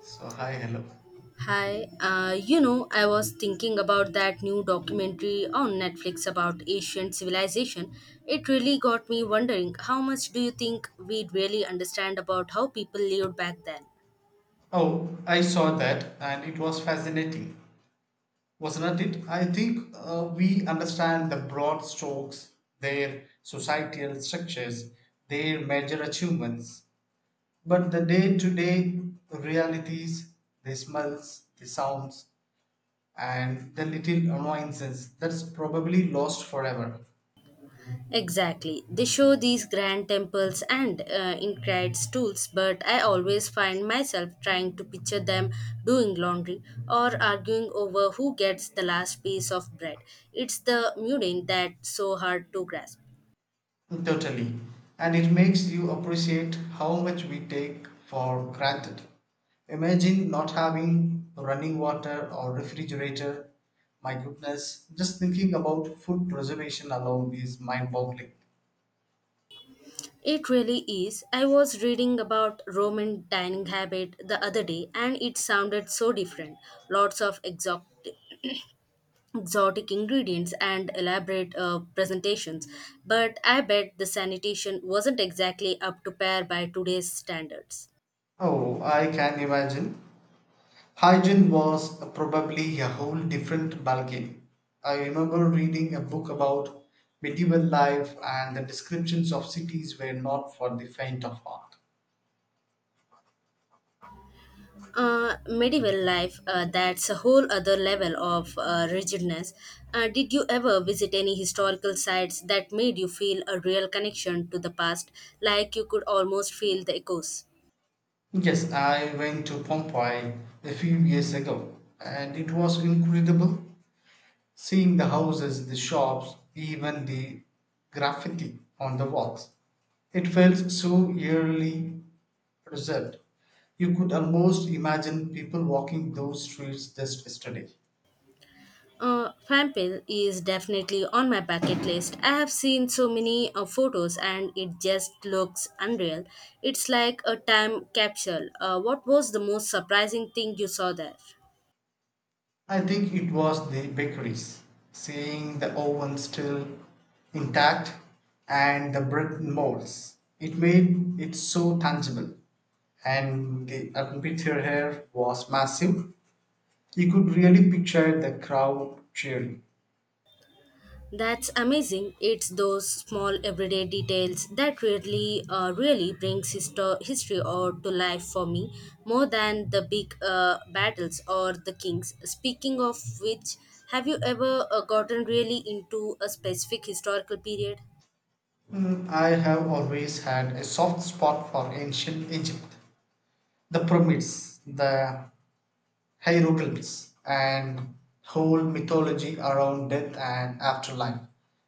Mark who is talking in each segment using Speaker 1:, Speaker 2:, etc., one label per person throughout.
Speaker 1: So, hi, hello.
Speaker 2: Hi, I was thinking about that new documentary on Netflix about ancient civilization. It really got me wondering, how much do you think we'd really understand about how people lived back then?
Speaker 1: Oh, I saw that and it was fascinating, wasn't it? I think we understand the broad strokes, their societal structures, their major achievements, but the day to day realities, the smells, the sounds, and the little annoyances that's probably lost forever.
Speaker 2: Exactly. They show these grand temples and intricate tools, but I always find myself trying to picture them doing laundry or arguing over who gets the last piece of bread. It's the mundane that's so hard to grasp.
Speaker 1: Totally. And it makes you appreciate how much we take for granted. Imagine not having running water or refrigerator. My goodness, just thinking about food preservation alone is mind boggling.
Speaker 2: It really is. I was reading about Roman dining habit the other day and it sounded so different. Lots of exotic ingredients and elaborate presentations, but I bet the sanitation wasn't exactly up to par by today's standards.
Speaker 1: Oh, I can imagine. Hygiene was probably a whole different ballgame. I remember reading a book about medieval life, and the descriptions of cities were not for the faint of heart.
Speaker 2: Medieval life, that's a whole other level of rigidness. Did you ever visit any historical sites that made you feel a real connection to the past, like you could almost feel the echoes?
Speaker 1: Yes, I went to Pompeii a few years ago and it was incredible seeing the houses, the shops, even the graffiti on the walls. It felt so eerily preserved. You could almost imagine people walking those streets just yesterday.
Speaker 2: Fampil is definitely on my bucket list. I have seen so many photos and it just looks unreal. It's like a time capsule. What was the most surprising thing you saw there?
Speaker 1: I think it was the bakeries, seeing the oven still intact and the bread molds. It made it so tangible. And the atmosphere here was massive. You could really picture the crowd cheering.
Speaker 2: That's amazing. It's those small everyday details that really brings history or to life for me, more than the big battles or the kings. Speaking of which, have you ever gotten really into a specific historical period?
Speaker 1: I have always had a soft spot for ancient Egypt, the pyramids, the hieroglyphs and whole mythology around death and afterlife.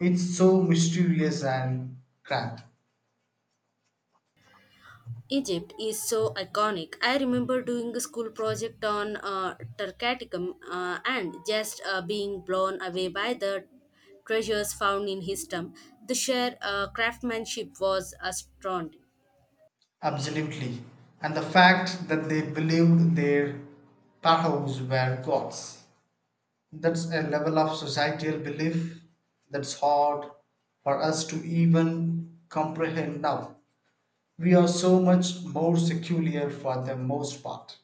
Speaker 1: It's so mysterious and grand.
Speaker 2: Egypt is so iconic. I remember doing a school project on Turcaticum and just being blown away by the treasures found in his tomb. The sheer craftsmanship was astounding.
Speaker 1: Absolutely. And the fact that they believed their pahoes were gods. That's a level of societal belief that's hard for us to even comprehend now. We are so much more secular for the most part.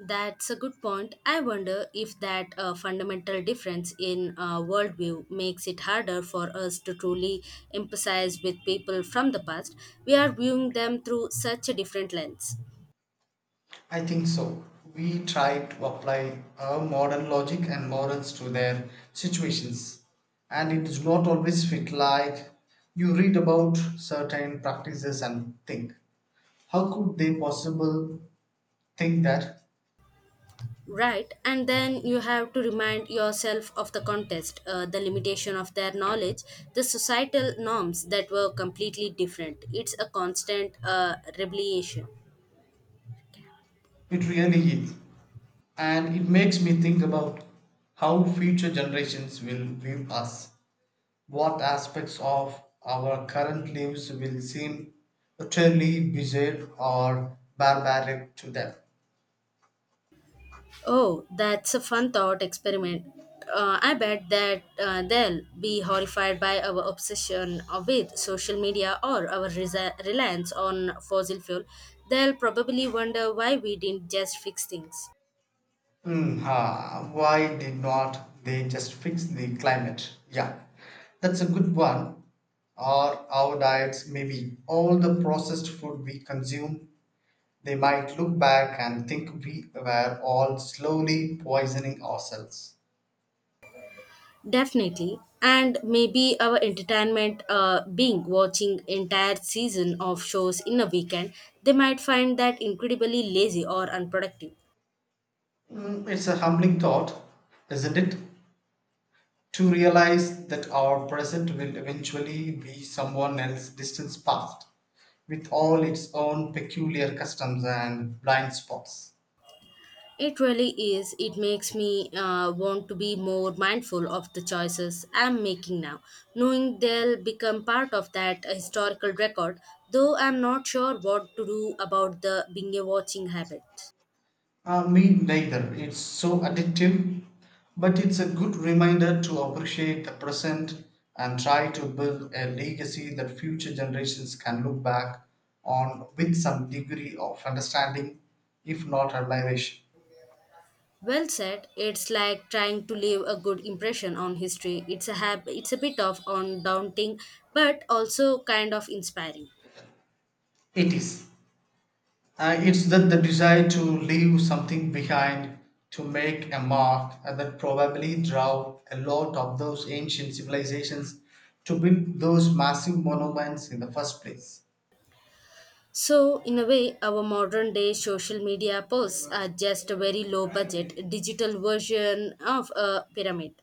Speaker 2: That's a good point. I wonder if that fundamental difference in worldview makes it harder for us to truly emphasize with people from the past. We are viewing them through such a different lens.
Speaker 1: I think so. We try to apply our modern logic and morals to their situations, and it does not always fit like you read about certain practices and think, how could they possible think that?
Speaker 2: Right, and then you have to remind yourself of the context, the limitation of their knowledge, the societal norms that were completely different. It's a constant revelation.
Speaker 1: It really is. And it makes me think about how future generations will view us. What aspects of our current lives will seem utterly bizarre or barbaric to them.
Speaker 2: Oh, that's a fun thought experiment. I bet that they'll be horrified by our obsession with social media or our reliance on fossil fuel. They'll probably wonder why we didn't just fix things.
Speaker 1: Why did not they just fix the climate? Yeah, that's a good one. Or our diets, maybe all the processed food we consume, they might look back and think we were all slowly poisoning ourselves.
Speaker 2: Definitely. And maybe our entertainment being watching entire season of shows in a weekend, they might find that incredibly lazy or unproductive.
Speaker 1: It's a humbling thought, isn't it? To realize that our present will eventually be someone else's distant past, with all its own peculiar customs and blind spots.
Speaker 2: It really is. It makes me want to be more mindful of the choices I'm making now, knowing they'll become part of that historical record, though I'm not sure what to do about the binge watching habit.
Speaker 1: Me neither. It's so addictive, but it's a good reminder to appreciate the present and try to build a legacy that future generations can look back on with some degree of understanding, if not admiration.
Speaker 2: Well said. It's like trying to leave a good impression on history. It's a bit of on daunting, but also kind of inspiring.
Speaker 1: It is. It's that the desire to leave something behind, to make a mark, and that probably drove a lot of those ancient civilizations to build those massive monuments in the first place.
Speaker 2: So, in a way, our modern day social media posts are just a very low budget digital version of a pyramid,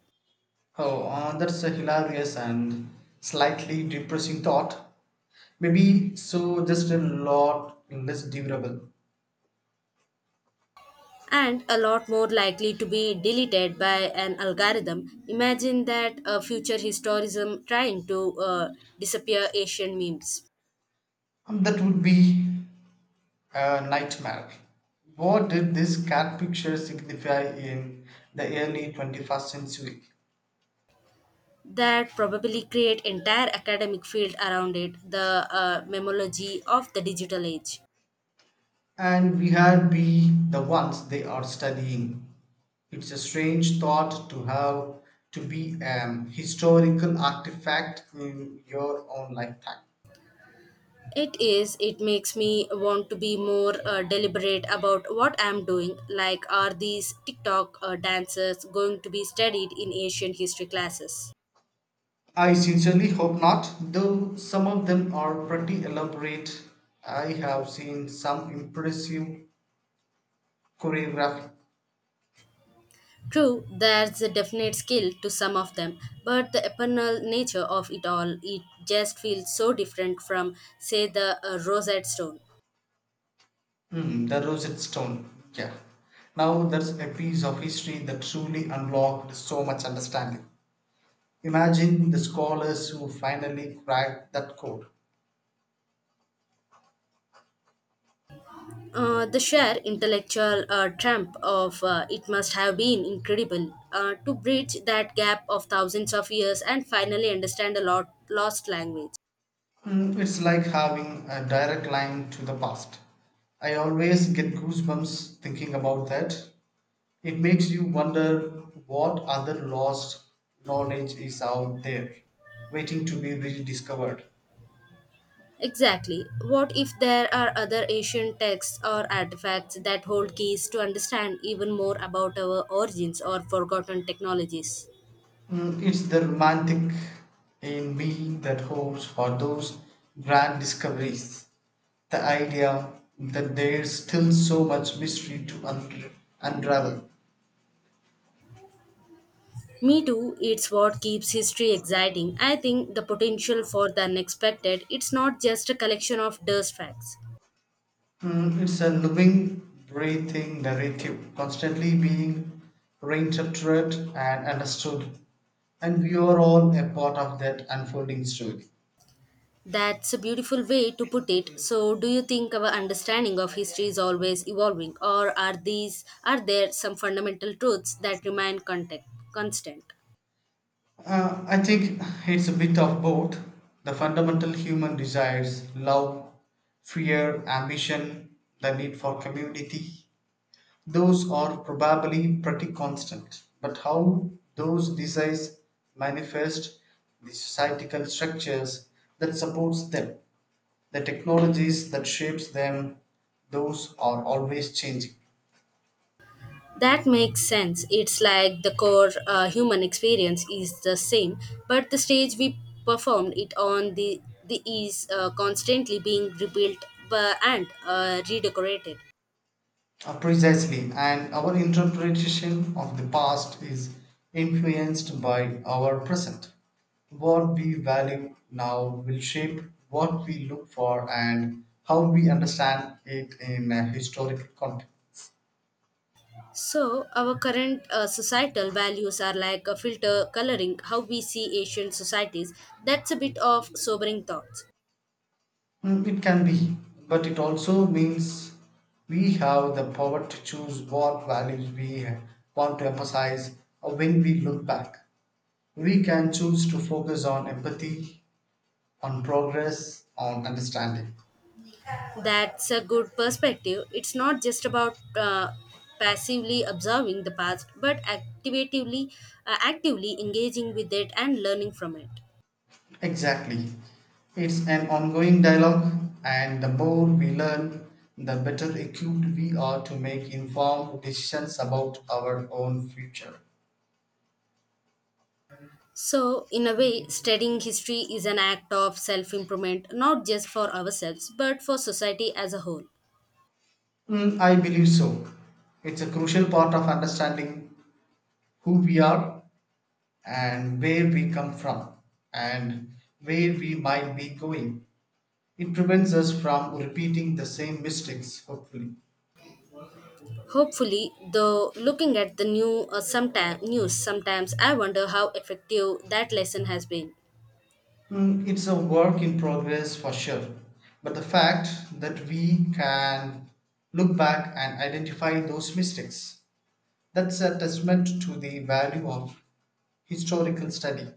Speaker 1: Oh, that's a hilarious and slightly depressing thought. Maybe so, just a lot less durable.
Speaker 2: and a lot more likely to be deleted by an algorithm. Imagine that a future historism trying to uh, disappear Asian memes.
Speaker 1: That would be a nightmare. What did this cat picture signify in the early 21st century?
Speaker 2: That probably create entire academic field around it, the memology of the digital age.
Speaker 1: And we had be the ones they are studying. It's a strange thought to have to be a historical artifact in your own lifetime.
Speaker 2: It is. It makes me want to be more deliberate about what I'm doing. Like, are these TikTok dancers going to be studied in Asian history classes?
Speaker 1: I sincerely hope not, though some of them are pretty elaborate. I have seen some impressive choreography.
Speaker 2: True, there's a definite skill to some of them, but the eternal nature of it all, it just feels so different from, say, the Rosetta Stone.
Speaker 1: Hmm, the Rosetta Stone. Yeah. Now that's a piece of history that truly unlocked so much understanding. Imagine the scholars who finally cracked that code.
Speaker 2: The sheer intellectual tramp of it must have been incredible to bridge that gap of thousands of years and finally understand a lot lost language.
Speaker 1: Hmm, it's like having a direct line to the past. I always get goosebumps thinking about that. It makes you wonder what other lost knowledge is out there, waiting to be rediscovered.
Speaker 2: Exactly. What if there are other ancient texts or artifacts that hold keys to understand even more about our origins or forgotten technologies?
Speaker 1: It's the romantic in me that hopes for those grand discoveries. The idea that there's still so much mystery to unravel.
Speaker 2: Me too, it's what keeps history exciting. I think the potential for the unexpected, it's not just a collection of dust facts.
Speaker 1: It's a living, breathing narrative, constantly being reinterpreted and understood, and we are all a part of that unfolding story.
Speaker 2: That's a beautiful way to put it. So, do you think our understanding of history is always evolving, or are these are there some fundamental truths that remain constant?
Speaker 1: I think it's a bit of both. The fundamental human desires, love, fear, ambition, the need for community, those are probably pretty constant. But how those desires manifest, the societal structures that supports them, the technologies that shapes them, those are always changing.
Speaker 2: That makes sense. It's like the core human experience is the same, but the stage we performed it on, the is constantly being rebuilt bu- and redecorated.
Speaker 1: Precisely, and our interpretation of the past is influenced by our present. What we value now will shape what we look for and how we understand it in a historical context.
Speaker 2: So, our current societal values are like a filter coloring how we see Asian societies. That's a bit of sobering thoughts.
Speaker 1: It can be, but it also means we have the power to choose what values we want to emphasize when we look back. We can choose to focus on empathy, on progress, on understanding.
Speaker 2: That's a good perspective. It's not just about passively observing the past, but actively engaging with it and learning from it.
Speaker 1: Exactly. It's an ongoing dialogue, and the more we learn, the better equipped we are to make informed decisions about our own future.
Speaker 2: So, in a way, studying history is an act of self improvement, not just for ourselves, but for society as a whole.
Speaker 1: I believe so. It's a crucial part of understanding who we are and where we come from and where we might be going. It prevents us from repeating the same mistakes, hopefully.
Speaker 2: Hopefully, though, looking at the news sometimes, I wonder how effective that lesson has been.
Speaker 1: It's a work in progress for sure. But the fact that we can look back and identify those mistakes, that's a testament to the value of historical study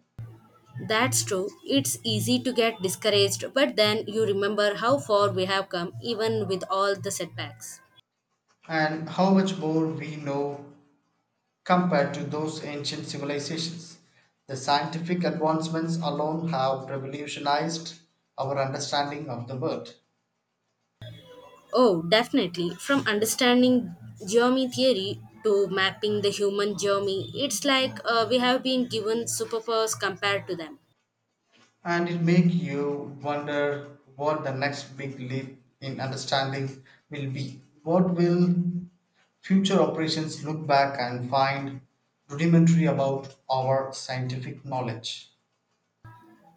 Speaker 2: That's true. It's easy to get discouraged, but then you remember how far we have come, even with all the setbacks.
Speaker 1: and how much more we know compared to those ancient civilizations. The scientific advancements alone have revolutionized our understanding of the world.
Speaker 2: Oh, definitely. From understanding geomy theory to mapping the human geomy, it's like we have been given superpowers compared to them.
Speaker 1: And it makes you wonder what the next big leap in understanding will be. What will future operations look back and find rudimentary about our scientific knowledge?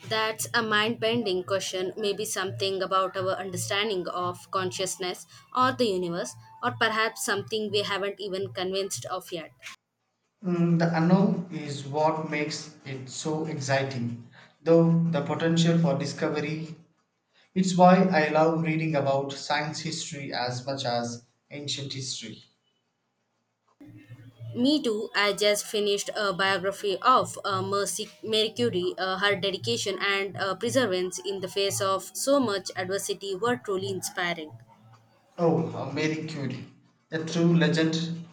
Speaker 2: That's a mind bending question, maybe something about our understanding of consciousness or the universe, or perhaps something we haven't even convinced of yet.
Speaker 1: The unknown is what makes it so exciting, though the potential for discovery. It's why I love reading about science history as much as ancient history.
Speaker 2: Me too, I just finished a biography of Mercy Mary Curie. Her dedication and perseverance in the face of so much adversity were truly inspiring.
Speaker 1: Oh, Marie Curie, a true legend.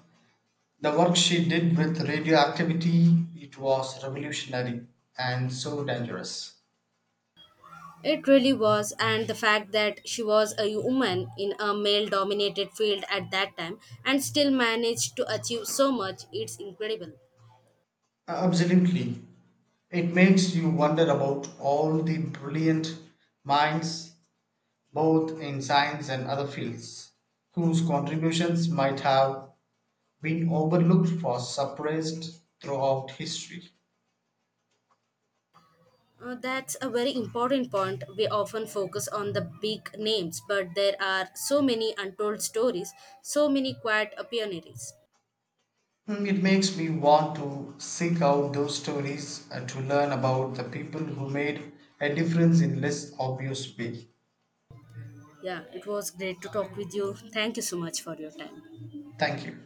Speaker 1: The work she did with radioactivity it was revolutionary and so dangerous.
Speaker 2: It really was, and the fact that she was a woman in a male dominated field at that time and still managed to achieve so much, it's incredible.
Speaker 1: Absolutely. It makes you wonder about all the brilliant minds both in science and other fields whose contributions might have been overlooked or suppressed throughout history.
Speaker 2: That's a very important point. We often focus on the big names, but there are so many untold stories, so many quiet pioneers.
Speaker 1: It makes me want to seek out those stories and to learn about the people who made a difference in less obvious way.
Speaker 2: Yeah, it was great to talk with you. Thank you so much for your time.
Speaker 1: Thank you.